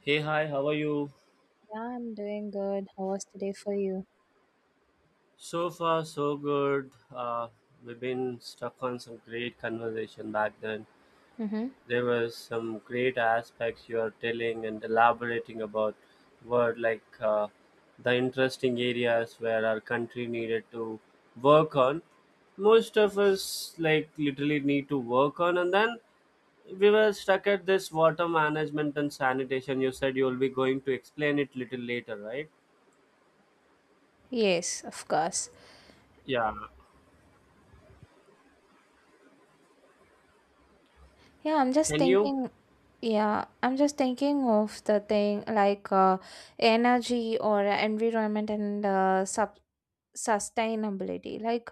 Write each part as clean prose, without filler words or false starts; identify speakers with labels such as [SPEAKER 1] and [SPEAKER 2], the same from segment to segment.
[SPEAKER 1] Hey, hi, how are you?
[SPEAKER 2] Yeah, I'm doing good. How was today for you?
[SPEAKER 1] So far, so good. We've been stuck on some great conversation back then.
[SPEAKER 2] Mm-hmm.
[SPEAKER 1] There was some great aspects you are telling and elaborating about were like the interesting areas where our country needed to work on. Most of us like literally need to work on, and then we were stuck at this water management and sanitation. You said you'll be going to explain it little later, right?
[SPEAKER 2] Yes, of course.
[SPEAKER 1] Yeah.
[SPEAKER 2] Yeah, I'm just
[SPEAKER 1] Can you?
[SPEAKER 2] thinking. Yeah, I'm just thinking of the thing like energy or environment and sub sustainability like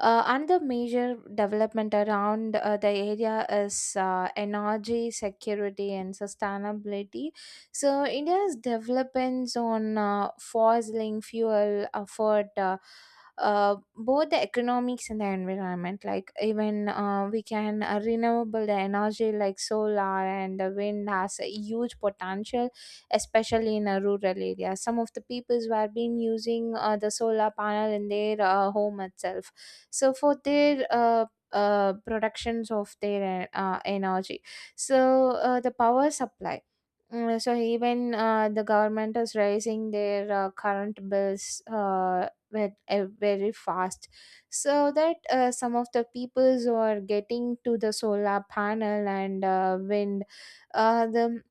[SPEAKER 2] another major development around the area is energy security and sustainability, so india's developments on fossil fuel afford both the economics and the environment, like even we can renewable the energy like solar and the wind has a huge potential, especially in a rural area. Some of the peoples were been using the solar panel in their home itself. So for their productions of their energy. So the power supply. So even the government is raising their current bills with, very fast, so that some of the peoples who are getting to the solar panel and wind, the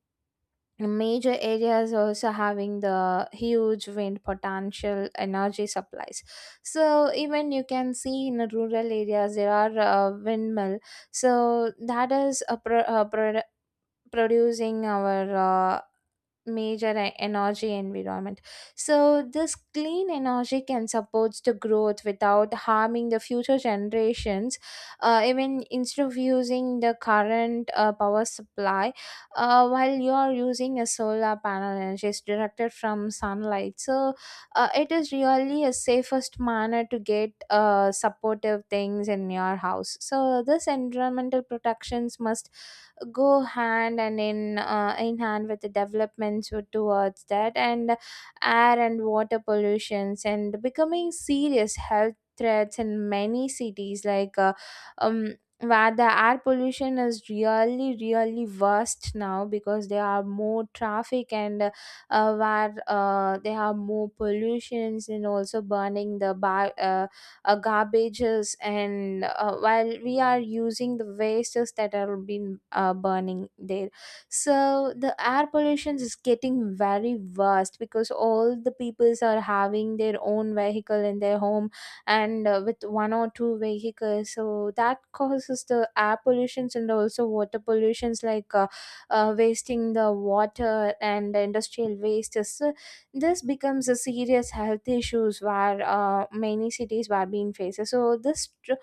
[SPEAKER 2] major areas also having the huge wind potential energy supplies, so even you can see in the rural areas there are windmill, so that is a producing our uh, major energy environment. So, this clean energy can support the growth without harming the future generations. Even instead of using the current power supply, while you are using a solar panel energy is directed from sunlight. So, it is really a safest manner to get supportive things in your house. So, this environmental protections must go hand and in hand with the developments towards that, and air and water pollutions and becoming serious health threats in many cities like um where the air pollution is really really worst now because there are more traffic and where there are more pollutions, and also burning the bio, garbages, and while we are using the wastes that are being burning there, so the air pollution is getting very worst because all the peoples are having their own vehicle in their home, and with one or two vehicles, so that causes the air pollutions and also water pollutions like wasting the water and the industrial wastes. So, this becomes a serious health issues where many cities were being faced, so this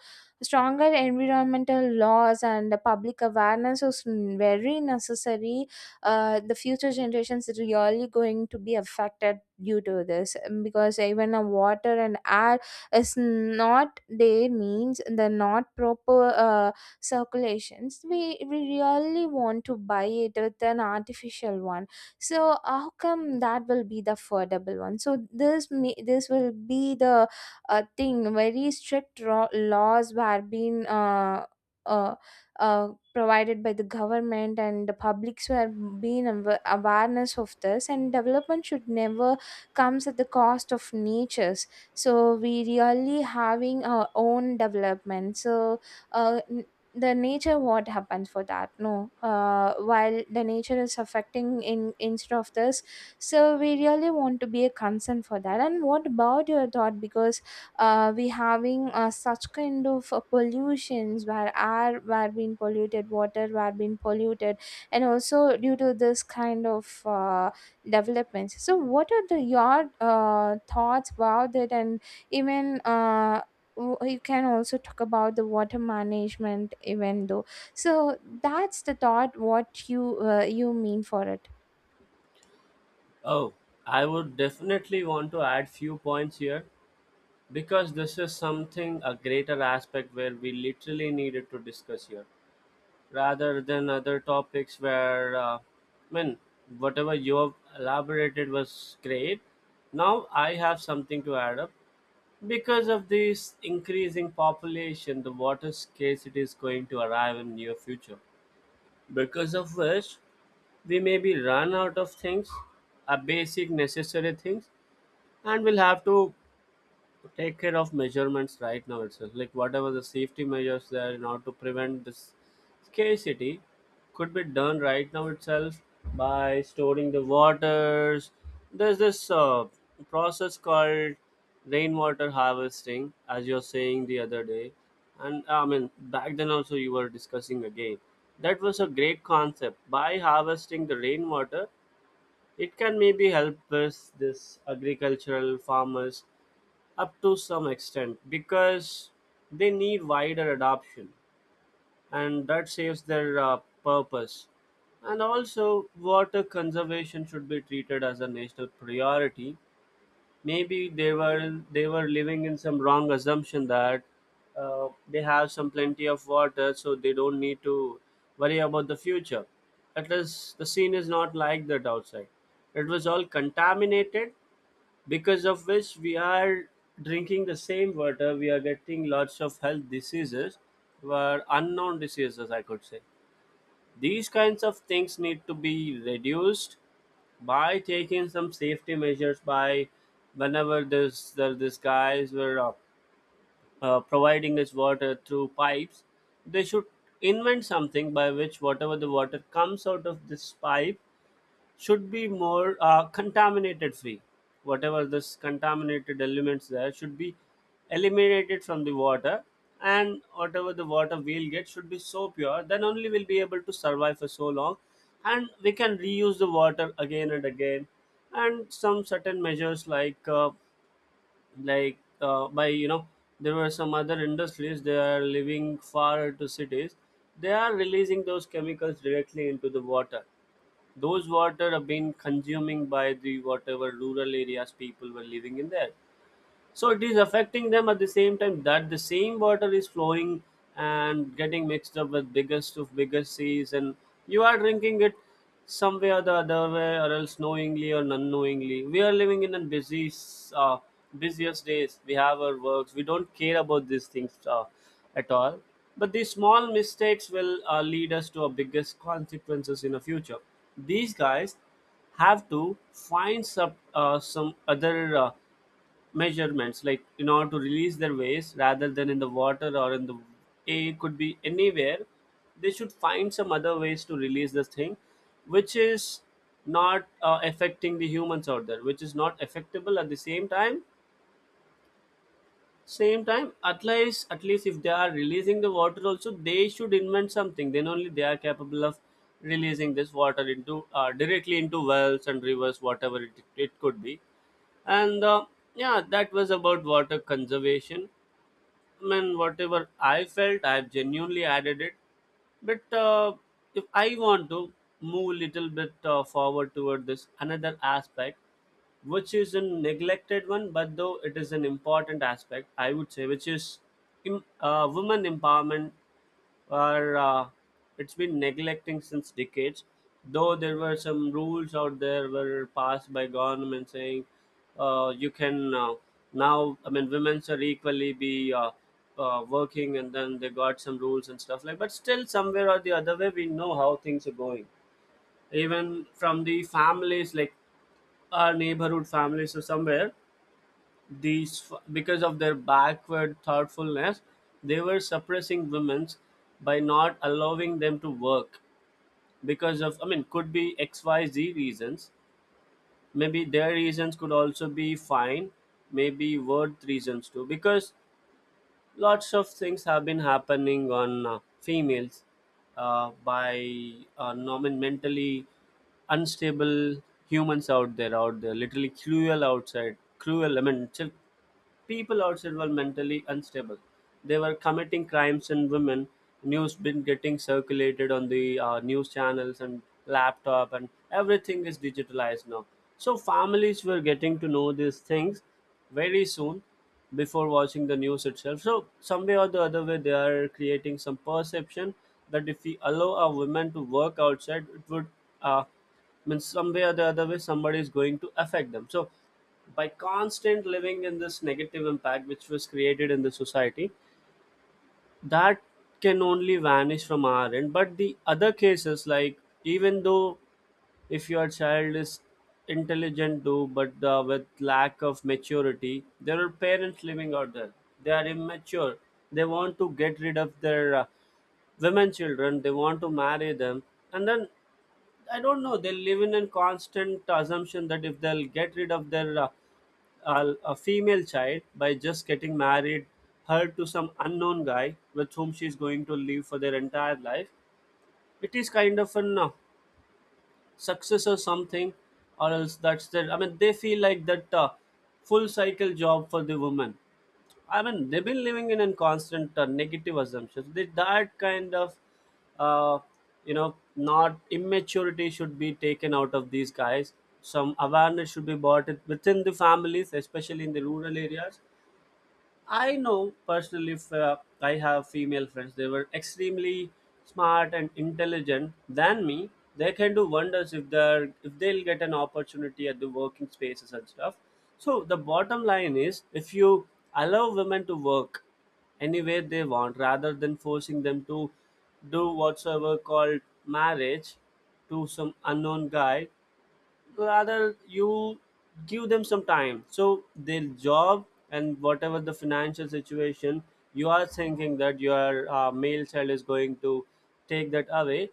[SPEAKER 2] stronger environmental laws and the public awareness is very necessary. The future generations is really going to be affected due to this because even a water and air is not there means the not proper circulations, we really want to buy it with an artificial one, so how come that will be the affordable one, so this may, this will be the thing, very strict laws were being uh, uh, provided by the government, and the publics were being awareness of this, and development should never comes at the cost of natures, so we really having our own development, so uh, the nature what happens for that no while the nature is affecting in instead of this, so we really want to be a concern for that. And what about your thought, because we having such kind of pollutions where air were being polluted, water were being polluted, and also due to this kind of developments, so what are the your thoughts about it? And even you can also talk about the water management even though, so that's the thought what you you mean for it.
[SPEAKER 1] Oh, I would definitely want to add few points here because this is something a greater aspect where we literally needed to discuss here rather than other topics where I mean whatever you have elaborated was great. Now I have something to add up because of this increasing population the water scarcity is going to arrive in near future because of which we may be run out of things, a basic necessary things, and we'll have to take care of measurements right now itself, like whatever the safety measures there in order to prevent this scarcity could be done right now itself by storing the waters. There's this process called rainwater harvesting, as you're saying the other day, and I mean back then also you were discussing again. That was a great concept. By harvesting the rainwater, it can maybe help us this agricultural farmers up to some extent because they need wider adoption and that saves their purpose. And also water conservation should be treated as a national priority. Maybe they were living in some wrong assumption that they have some plenty of water, so they don't need to worry about the future. At least the scene is not like that outside. It was all contaminated, because of which we are drinking the same water. We are getting lots of health diseases, were unknown diseases, I could say. These kinds of things need to be reduced by taking some safety measures. By whenever these guys were providing this water through pipes, they should invent something by which whatever the water comes out of this pipe should be more contaminated free. Whatever this contaminated elements there should be eliminated from the water, and whatever the water we'll get should be so pure, then only we'll be able to survive for so long, and we can reuse the water again and again. And some certain measures like by you know there were some other industries, they are living far to cities, they are releasing those chemicals directly into the water. Those water have been consuming by the whatever rural areas people were living in there. So it is affecting them. At the same time, that the same water is flowing and getting mixed up with biggest of biggest seas, and you are drinking it some way or the other way, or else knowingly or unknowingly. We are living in a busiest days, we have our works, we don't care about these things at all. But these small mistakes will lead us to our biggest consequences in the future. These guys have to find some other measurements like, in order to release their waste rather than in the water or in the air, could be anywhere. They should find some other ways to release this thing, which is not affecting the humans out there, which is not affectable. At the same time, same time, at least, at least if they are releasing the water also, they should invent something, then only they are capable of releasing this water into directly into wells and rivers, whatever it could be. And yeah, that was about water conservation. I mean, whatever I felt I've genuinely added it. But if I want to move a little bit forward toward this another aspect, which is a neglected one, but though it is an important aspect, I would say, which is women empowerment, or it's been neglecting since decades. Though there were some rules out there were passed by government saying you can now I mean women are equally be working, and then they got some rules and stuff like, but still somewhere or the other way we know how things are going. Even from the families, like our neighborhood families or somewhere, because of their backward thoughtfulness, they were suppressing women's by not allowing them to work. Because of, I mean, could be X, Y, Z reasons. Maybe their reasons could also be fine. Maybe worth reasons too. Because lots of things have been happening on females by mentally unstable humans out there, out there literally cruel, outside cruel. I mean, people outside were mentally unstable, they were committing crimes, and women news been getting circulated on the news channels and laptop, and everything is digitalized now. So families were getting to know these things very soon, before watching the news itself. So, some way or the other way, they are creating some perception that if we allow our women to work outside, it would uh, means some way or the other way somebody is going to affect them. So, by constant living in this negative impact which was created in the society, that can only vanish from our end. But the other cases, like, even though if your child is intelligent though, but with lack of maturity, there are parents living out there, they are immature, they want to get rid of their women children, they want to marry them, and then I don't know, they live in a constant assumption that if they'll get rid of their a female child by just getting married her to some unknown guy, with whom she's going to live for their entire life, it is kind of an success or something, or else that's their, I mean they feel like that full cycle job for the woman. I mean they've been living in a constant negative assumptions, that kind of uh, not immaturity should be taken out of these guys. Some awareness should be brought within the families, especially in the rural areas. I know personally, if I have female friends, they were extremely smart and intelligent than me. They can do wonders if they're if they'll get an opportunity at the working spaces and stuff. So the bottom line is, if you allow women to work any way they want, rather than forcing them to do whatsoever called marriage to some unknown guy, rather you give them some time, so the job, and whatever the financial situation you are thinking that your male child is going to take that away,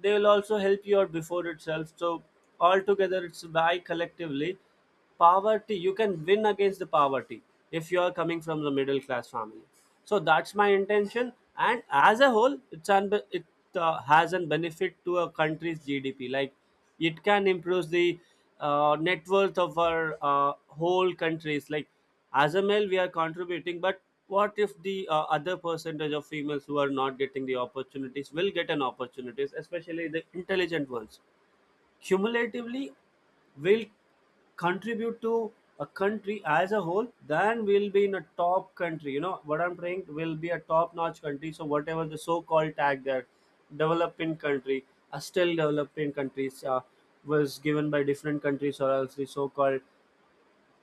[SPEAKER 1] they will also help you out before itself. So altogether, it's by collectively poverty, you can win against the poverty if you are coming from the middle class family. So that's my intention, and as a whole, it's an it has an benefit to a country's GDP, like it can improve the net worth of our whole countries. Like, as a male we are contributing, but what if the other percentage of females who are not getting the opportunities will get an opportunities, especially the intelligent ones, cumulatively will contribute to a country as a whole? Then we'll be in a top country. You know what I'm saying? Will be a top-notch country. So whatever the so-called tag there, developing country, a still developing countries was given by different countries, or else the so-called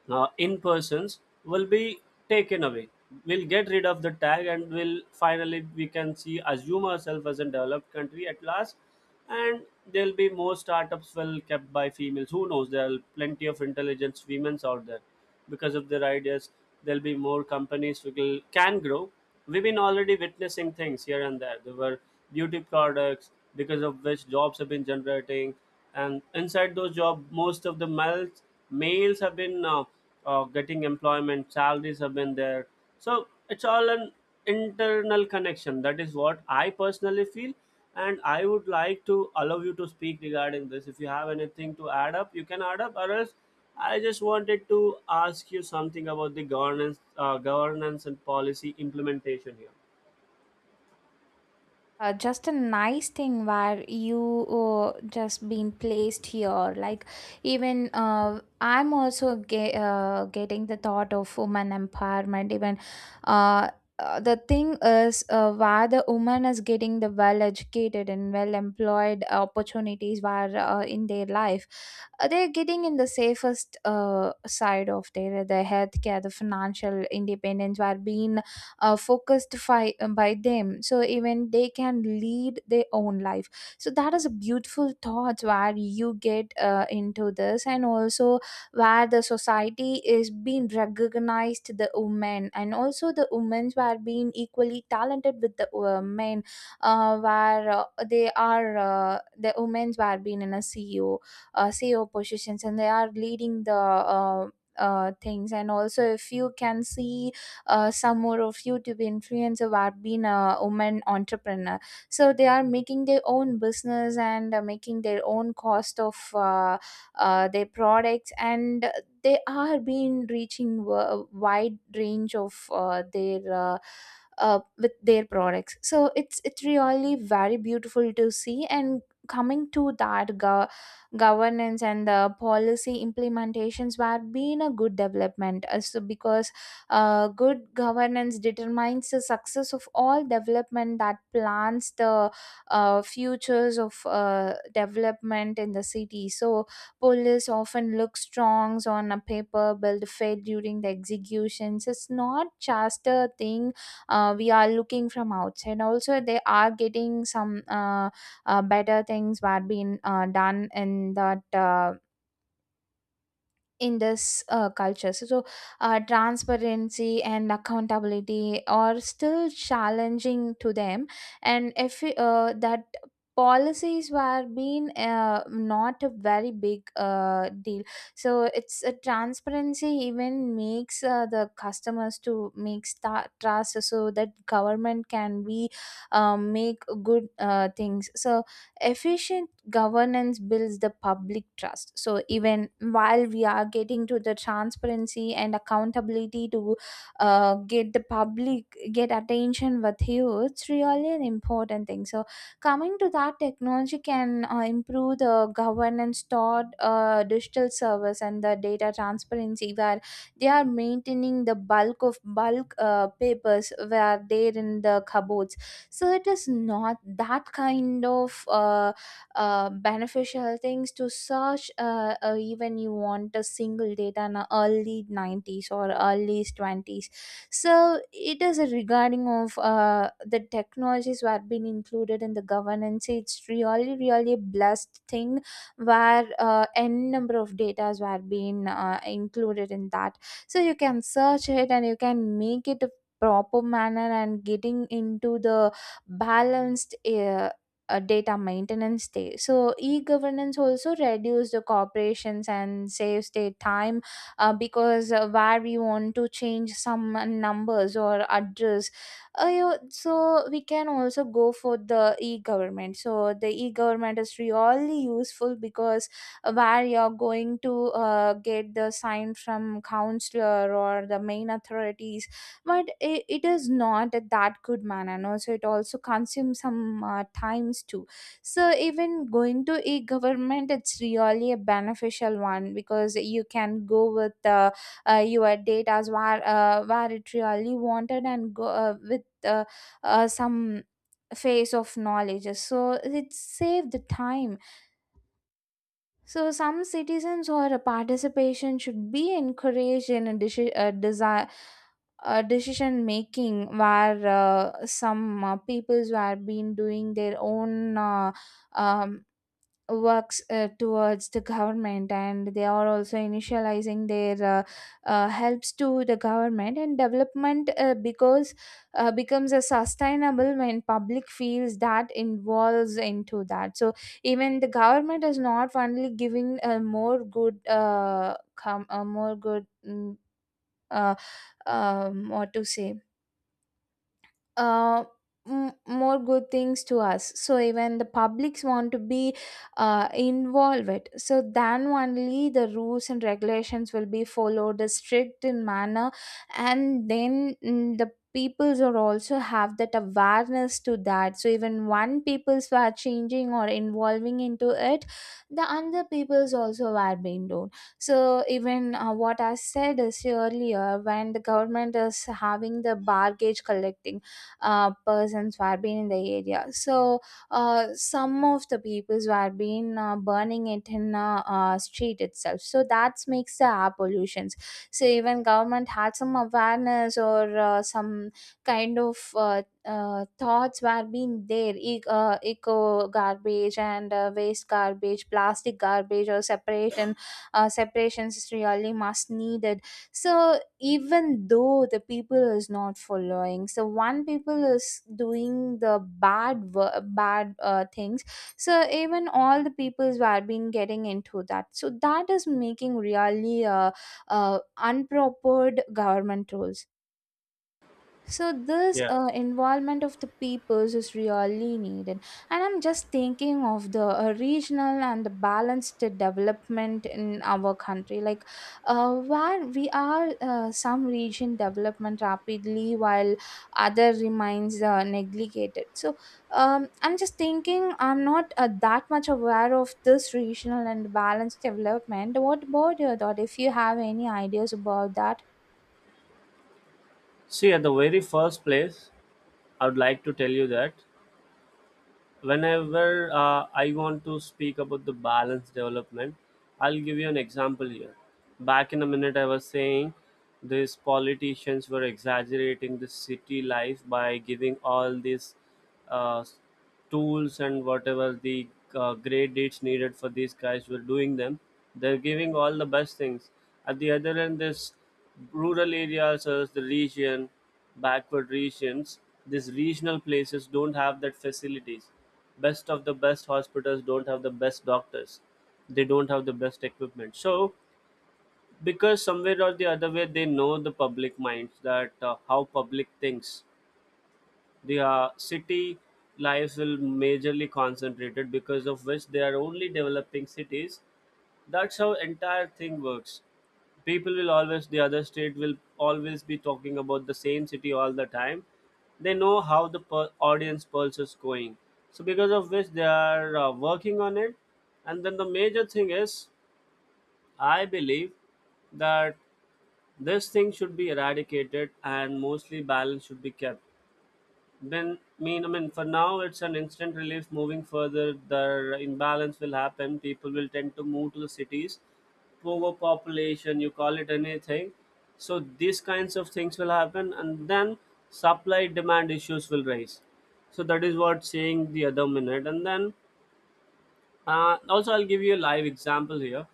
[SPEAKER 1] in persons will be taken away. We'll get rid of the tag, and we'll finally we can see assume ourselves as a developed country at last. And there'll be more startups well kept by females, who knows, there are plenty of intelligent women out there. Because of their ideas, there'll be more companies which can grow. We've been already witnessing things here and there. There were beauty products, because of which jobs have been generating, and inside those jobs, most of the males have been getting employment. Salaries have been there, so it's all an internal connection. That is what I personally feel, and I would like to allow you to speak regarding this. If you have anything to add up, you can add up, or else I just wanted to ask you something about the governance governance and policy implementation here.
[SPEAKER 2] Just a nice thing where you just been placed here, like even I'm also getting the thought of woman empowerment. Even uh, the thing is where the woman is getting the well educated and well employed opportunities where in their life they're getting in the safest side of their, the healthcare, the financial independence where being focused by them, so even they can lead their own life, so that is a beautiful thought where you get into this. And also where the society is being recognized the women, and also the women were being equally talented with the men, where they are the women were being in a ceo ceo positions, and they are leading the things. And also if you can see some more of youtube influencer who have been a woman entrepreneur, so they are making their own business, and making their own cost of their products, and they are been reaching a wide range of their with their products, so it's really very beautiful to see. And coming to that, governance and the policy implementations were been a good development because good governance determines the success of all development that plans the futures of development in the city. So, police often look strong on a paper, build faith during the executions. It's not just a thing we are looking from outside. Also, they are getting some better things were being done in that. In this culture. So, transparency and accountability are still challenging to them. And if that policies were being not a very big deal, so it's a transparency even makes the customers to make trust, so that government can be make good things. So efficient governance builds the public trust, so even while we are getting to the transparency and accountability to get the public get attention with you, it's really an important thing. So coming to that, technology can improve the governance toward digital service and the data transparency, where they are maintaining the bulk of bulk papers were there in the cupboards, so it is not that kind of beneficial things to search even you want a single data in a early 90s or early 20s, so it is a regarding of the technologies were being included in the governance, it's really really a blessed thing where n number of data were being included in that, so you can search it, and you can make it a proper manner, and getting into the balanced data maintenance day. So e-governance also reduce the corporations and saves their time, because where we want to change some numbers or address, so we can also go for the e-government. So the e-government is really useful because where you're going to get the sign from counselor or the main authorities, but it is not at that good manner no, so it also consumes some times too. So even going to e-government, it's really a beneficial one because you can go with your data where it really wanted, and go with some phase of knowledge, so it saved the time. So, some citizens or a participation should be encouraged in a, a desire. Decision making where some peoples were been doing their own um, works towards the government, and they are also initializing their helps to the government and development, because becomes a sustainable when public feels that involves into that. So even the government is not only giving a more good com- a more good mm, uh, what to say uh, m- more good things to us, so even the publics want to be involved, so then only the rules and regulations will be followed strict in manner. And then the peoples are also have that awareness to that, so even one peoples were changing or involving into it, the other peoples also were being done. So even what I said is earlier, when the government is having the bargage collecting persons who have been in the area. So some of the peoples who have been burning it in street itself. So that makes the air pollutions. So even government had some awareness or some kind of thoughts were being there, eco garbage and waste garbage, plastic garbage or separation separations is really must needed. So even though the people is not following, so one people is doing the bad bad things, so even all the peoples were been getting into that, so that is making really unproper government rules. So this
[SPEAKER 1] Yeah,
[SPEAKER 2] involvement of the peoples is really needed, and I'm just thinking of the regional and the balanced development in our country, like where we are some region development rapidly while other remains neglected. So I'm just thinking, I'm not that much aware of this regional and balanced development. What about your thought? If you have any ideas about that?
[SPEAKER 1] see, at the very first place, I would like to tell you that whenever I want to speak about the balance development, I'll give you an example here. Back in a minute, I was saying these politicians were exaggerating the city life by giving all these uh, tools and whatever the great deeds needed, for these guys were doing them. They're giving all the best things. At the other end, this rural areas as the region, backward regions, these regional places don't have that facilities. Best of the best hospitals don't have the best doctors. They don't have the best equipment. So because somewhere or the other way they know the public minds that how public thinks the city lives will majorly concentrated, because of which they are only developing cities. That's how entire thing works. People will always, the other state will always be talking about the same city all the time. They know how the audience pulse is going. So because of which they are working on it. And then the major thing is, I believe that this thing should be eradicated and mostly balance should be kept. I mean, for now, it's an instant relief. Moving further, the imbalance will happen. People will tend to move to the cities, overpopulation, you call it anything. So these kinds of things will happen, and then supply demand issues will rise. So that is what saying the other minute. And then also, I'll give you a live example here.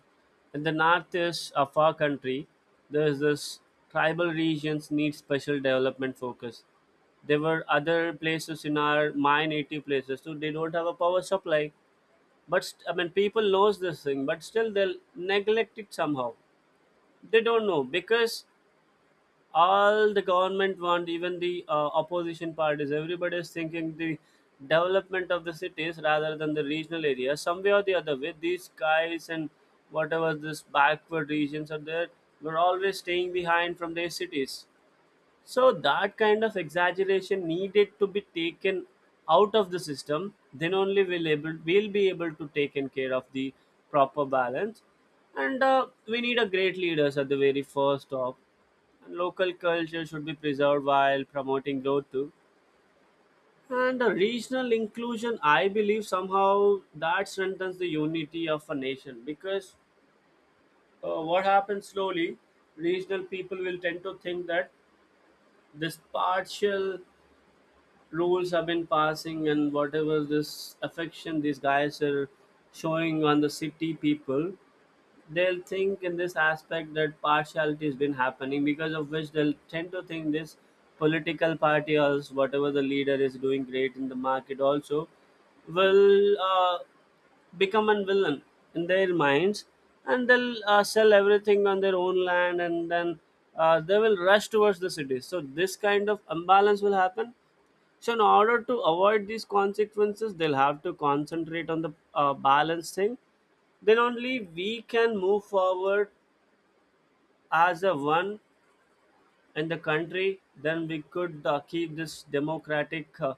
[SPEAKER 1] In the northeast of our country, there is this tribal regions need special development focus. There were other places in our my native places too. They don't have a power supply, I mean people knows this thing, but still they'll neglect it somehow. They don't know because all the government want, even the opposition parties, everybody is thinking the development of the cities rather than the regional areas. Some way or the other way, these guys and whatever this backward regions are there, we're always staying behind from their cities. So that kind of exaggeration needed to be taken out of the system. Then only we'll be able to take in care of the proper balance. And we need a great leaders at the very first top. And local culture should be preserved while promoting growth too. And a regional inclusion, I believe somehow that strengthens the unity of a nation, because what happens slowly, regional people will tend to think that this partial rules have been passing, and whatever this affection these guys are showing on the city people, they'll think in this aspect that partiality has been happening, because of which they'll tend to think this political party or whatever the leader is doing great in the market also will become a villain in their minds, and they'll sell everything on their own land, and then they will rush towards the cities. So this kind of imbalance will happen. So in order to avoid these consequences, they'll have to concentrate on the balancing. Then only we can move forward as a one in the country. Then we could keep this democratic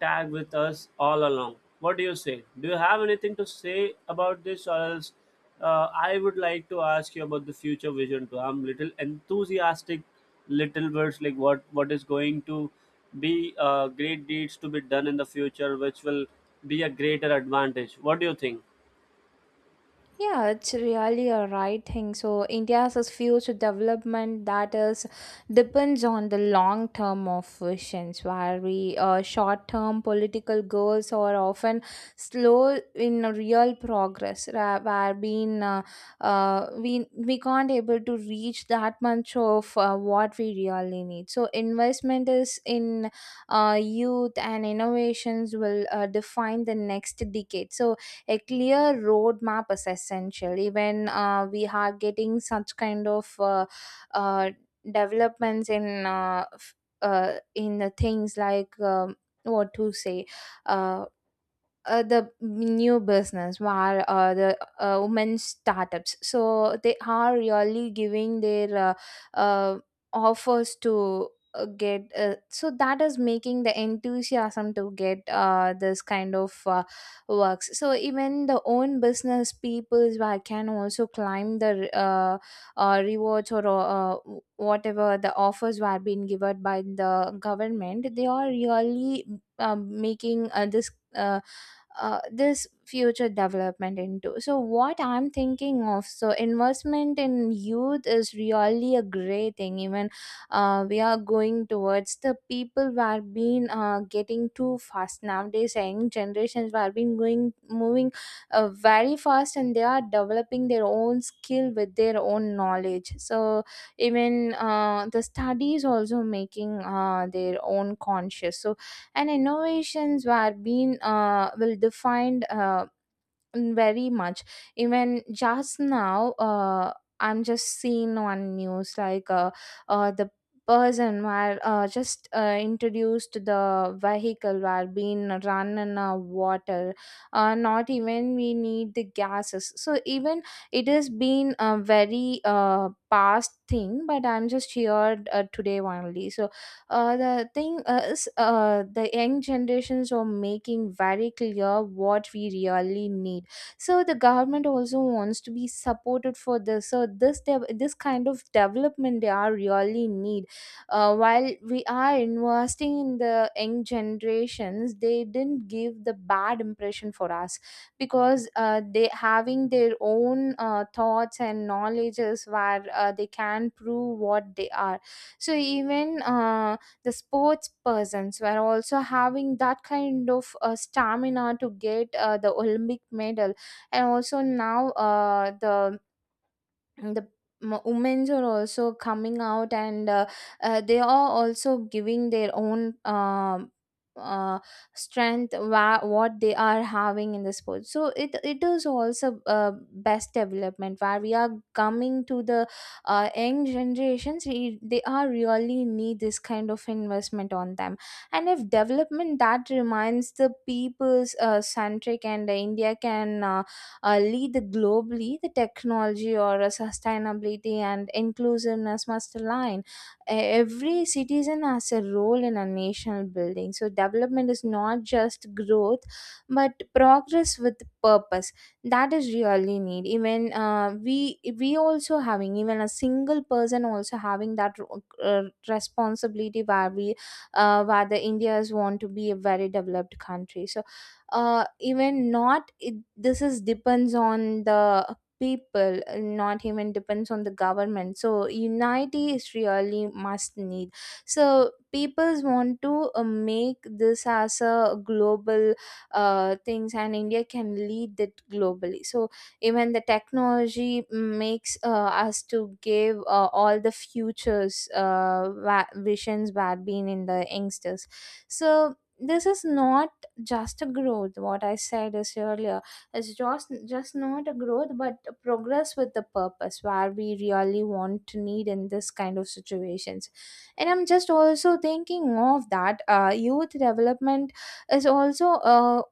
[SPEAKER 1] tag with us all along. What do you say? Do you have anything to say about this, or else I would like to ask you about the future vision too. I'm little enthusiastic, little words like what is going to be great deeds to be done in the future, which will be a greater advantage. What do you think?
[SPEAKER 2] Yeah, it's really a right thing. So India's future development that is depends on the long term of visions, where we short term political goals are often slow in real progress. Where being we can't able to reach that much of what we really need. So investment is in youth and innovations will define the next decade. So a clear roadmap is essential, even we are getting such kind of uh, developments in in the things like what to say, uh, the new business where the women startups, so they are really giving their uh, offers to get so that is making the enthusiasm to get this kind of works. So even the own business peoples where can also climb the rewards or whatever the offers were being given by the government, they are really making this uh, this future development into. So what I'm thinking of, so investment in youth is really a great thing, even we are going towards the people who are being getting too fast nowadays, young generations who are being going moving very fast and they are developing their own skill with their own knowledge. So even the studies also making their own conscious. So and innovations were being will defined Mm, very much. Even just now, I'm just seeing on news like the person were just introduced to the vehicle were being run in water. Not even we need the gases. So even it has been a very past thing, but I'm just here today only. So the thing is, the young generations are making very clear what we really need, so the government also wants to be supported for this. So this kind of development they are really need. Uh, while we are investing in the young generations, they didn't give the bad impression for us because they having their own thoughts and knowledges where they can prove what they are. So even the sports persons were also having that kind of stamina to get the Olympic medal. And also now the women's are also coming out, and they are also giving their own uh, strength, what they are having in the sport. So it is also best development where we are coming to the young generations, they are really need this kind of investment on them. And if development that reminds the people's centric, and India can lead globally, the technology or sustainability and inclusiveness must align. Every citizen has a role in a national building. So development is not just growth, but progress with purpose. That is really need. Even we also having, even a single person also having that uh, responsibility where we where the Indians want to be a very developed country. So even not it, this is depends on the people, not even depends on the government. So unity is really must need, so peoples want to make this as a global things, and India can lead it globally. So even the technology makes us to give all the futures visions bad being in the youngsters. So this is not just a growth, what I said is earlier, it's just not a growth but a progress with the purpose, where we really want to need in this kind of situations. And I'm just also thinking of that youth development is also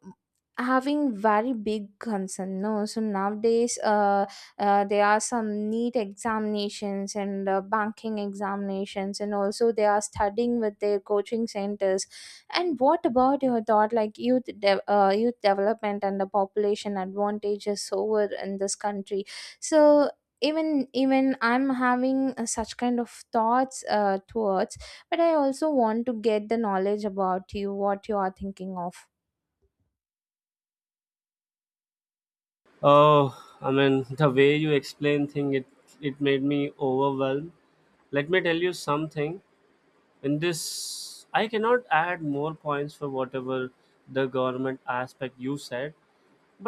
[SPEAKER 2] having very big concern no. So nowadays there are some neat examinations and banking examinations, and also they are studying with their coaching centers. And what about your thought, like youth, youth development and the population advantages over in this country? So even I'm having such kind of thoughts towards, but I also want to get the knowledge about you, what you are thinking of.
[SPEAKER 1] Oh, I mean, the way you explain thing, it made me overwhelmed. Let me tell you something. In this, I cannot add more points for whatever the government aspect you said.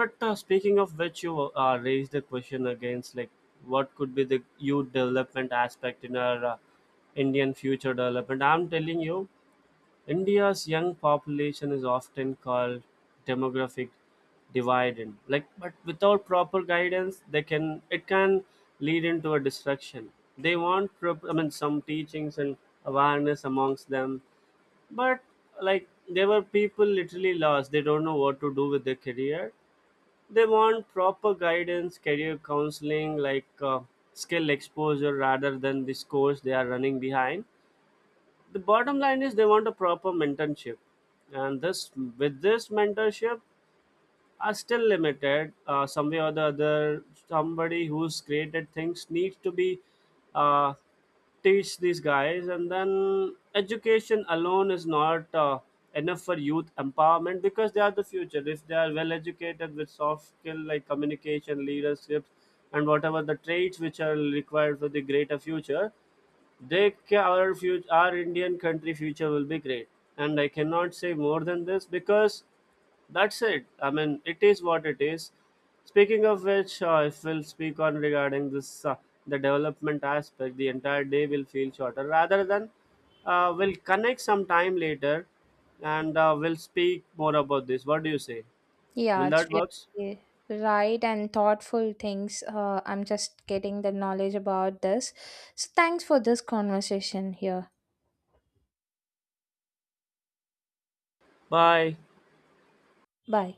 [SPEAKER 1] But speaking of which, you raised the question against like what could be the youth development aspect in our Indian future development. I'm telling you, India's young population is often called demographic dividend. Like, but without proper guidance, they can it can lead into a destruction. They want, I mean, some teachings and awareness amongst them, but like there were people literally lost. They don't know what to do with their career. They want proper guidance, career counseling, like skill exposure rather than the scores they are running behind. The bottom line is they want a proper mentorship, and this with this mentorship are still limited some way or the other. Somebody who's created things needs to be uh, teach these guys, and then education alone is not enough for youth empowerment, because they are the future. If they are well educated with soft skill like communication, leadership, and whatever the traits which are required for the greater future, our future, our Indian country future will be great, and I cannot say more than this because that's it. I mean, it is what it is. Speaking of which, if we'll speak on regarding this the development aspect, the entire day will feel shorter. Rather than we'll connect some time later, and we'll speak more about this. What do you say?
[SPEAKER 2] Yeah,
[SPEAKER 1] Will
[SPEAKER 2] it's
[SPEAKER 1] that works?
[SPEAKER 2] really right and thoughtful things. I'm just getting the knowledge about this. So thanks for this conversation here.
[SPEAKER 1] Bye.
[SPEAKER 2] Bye.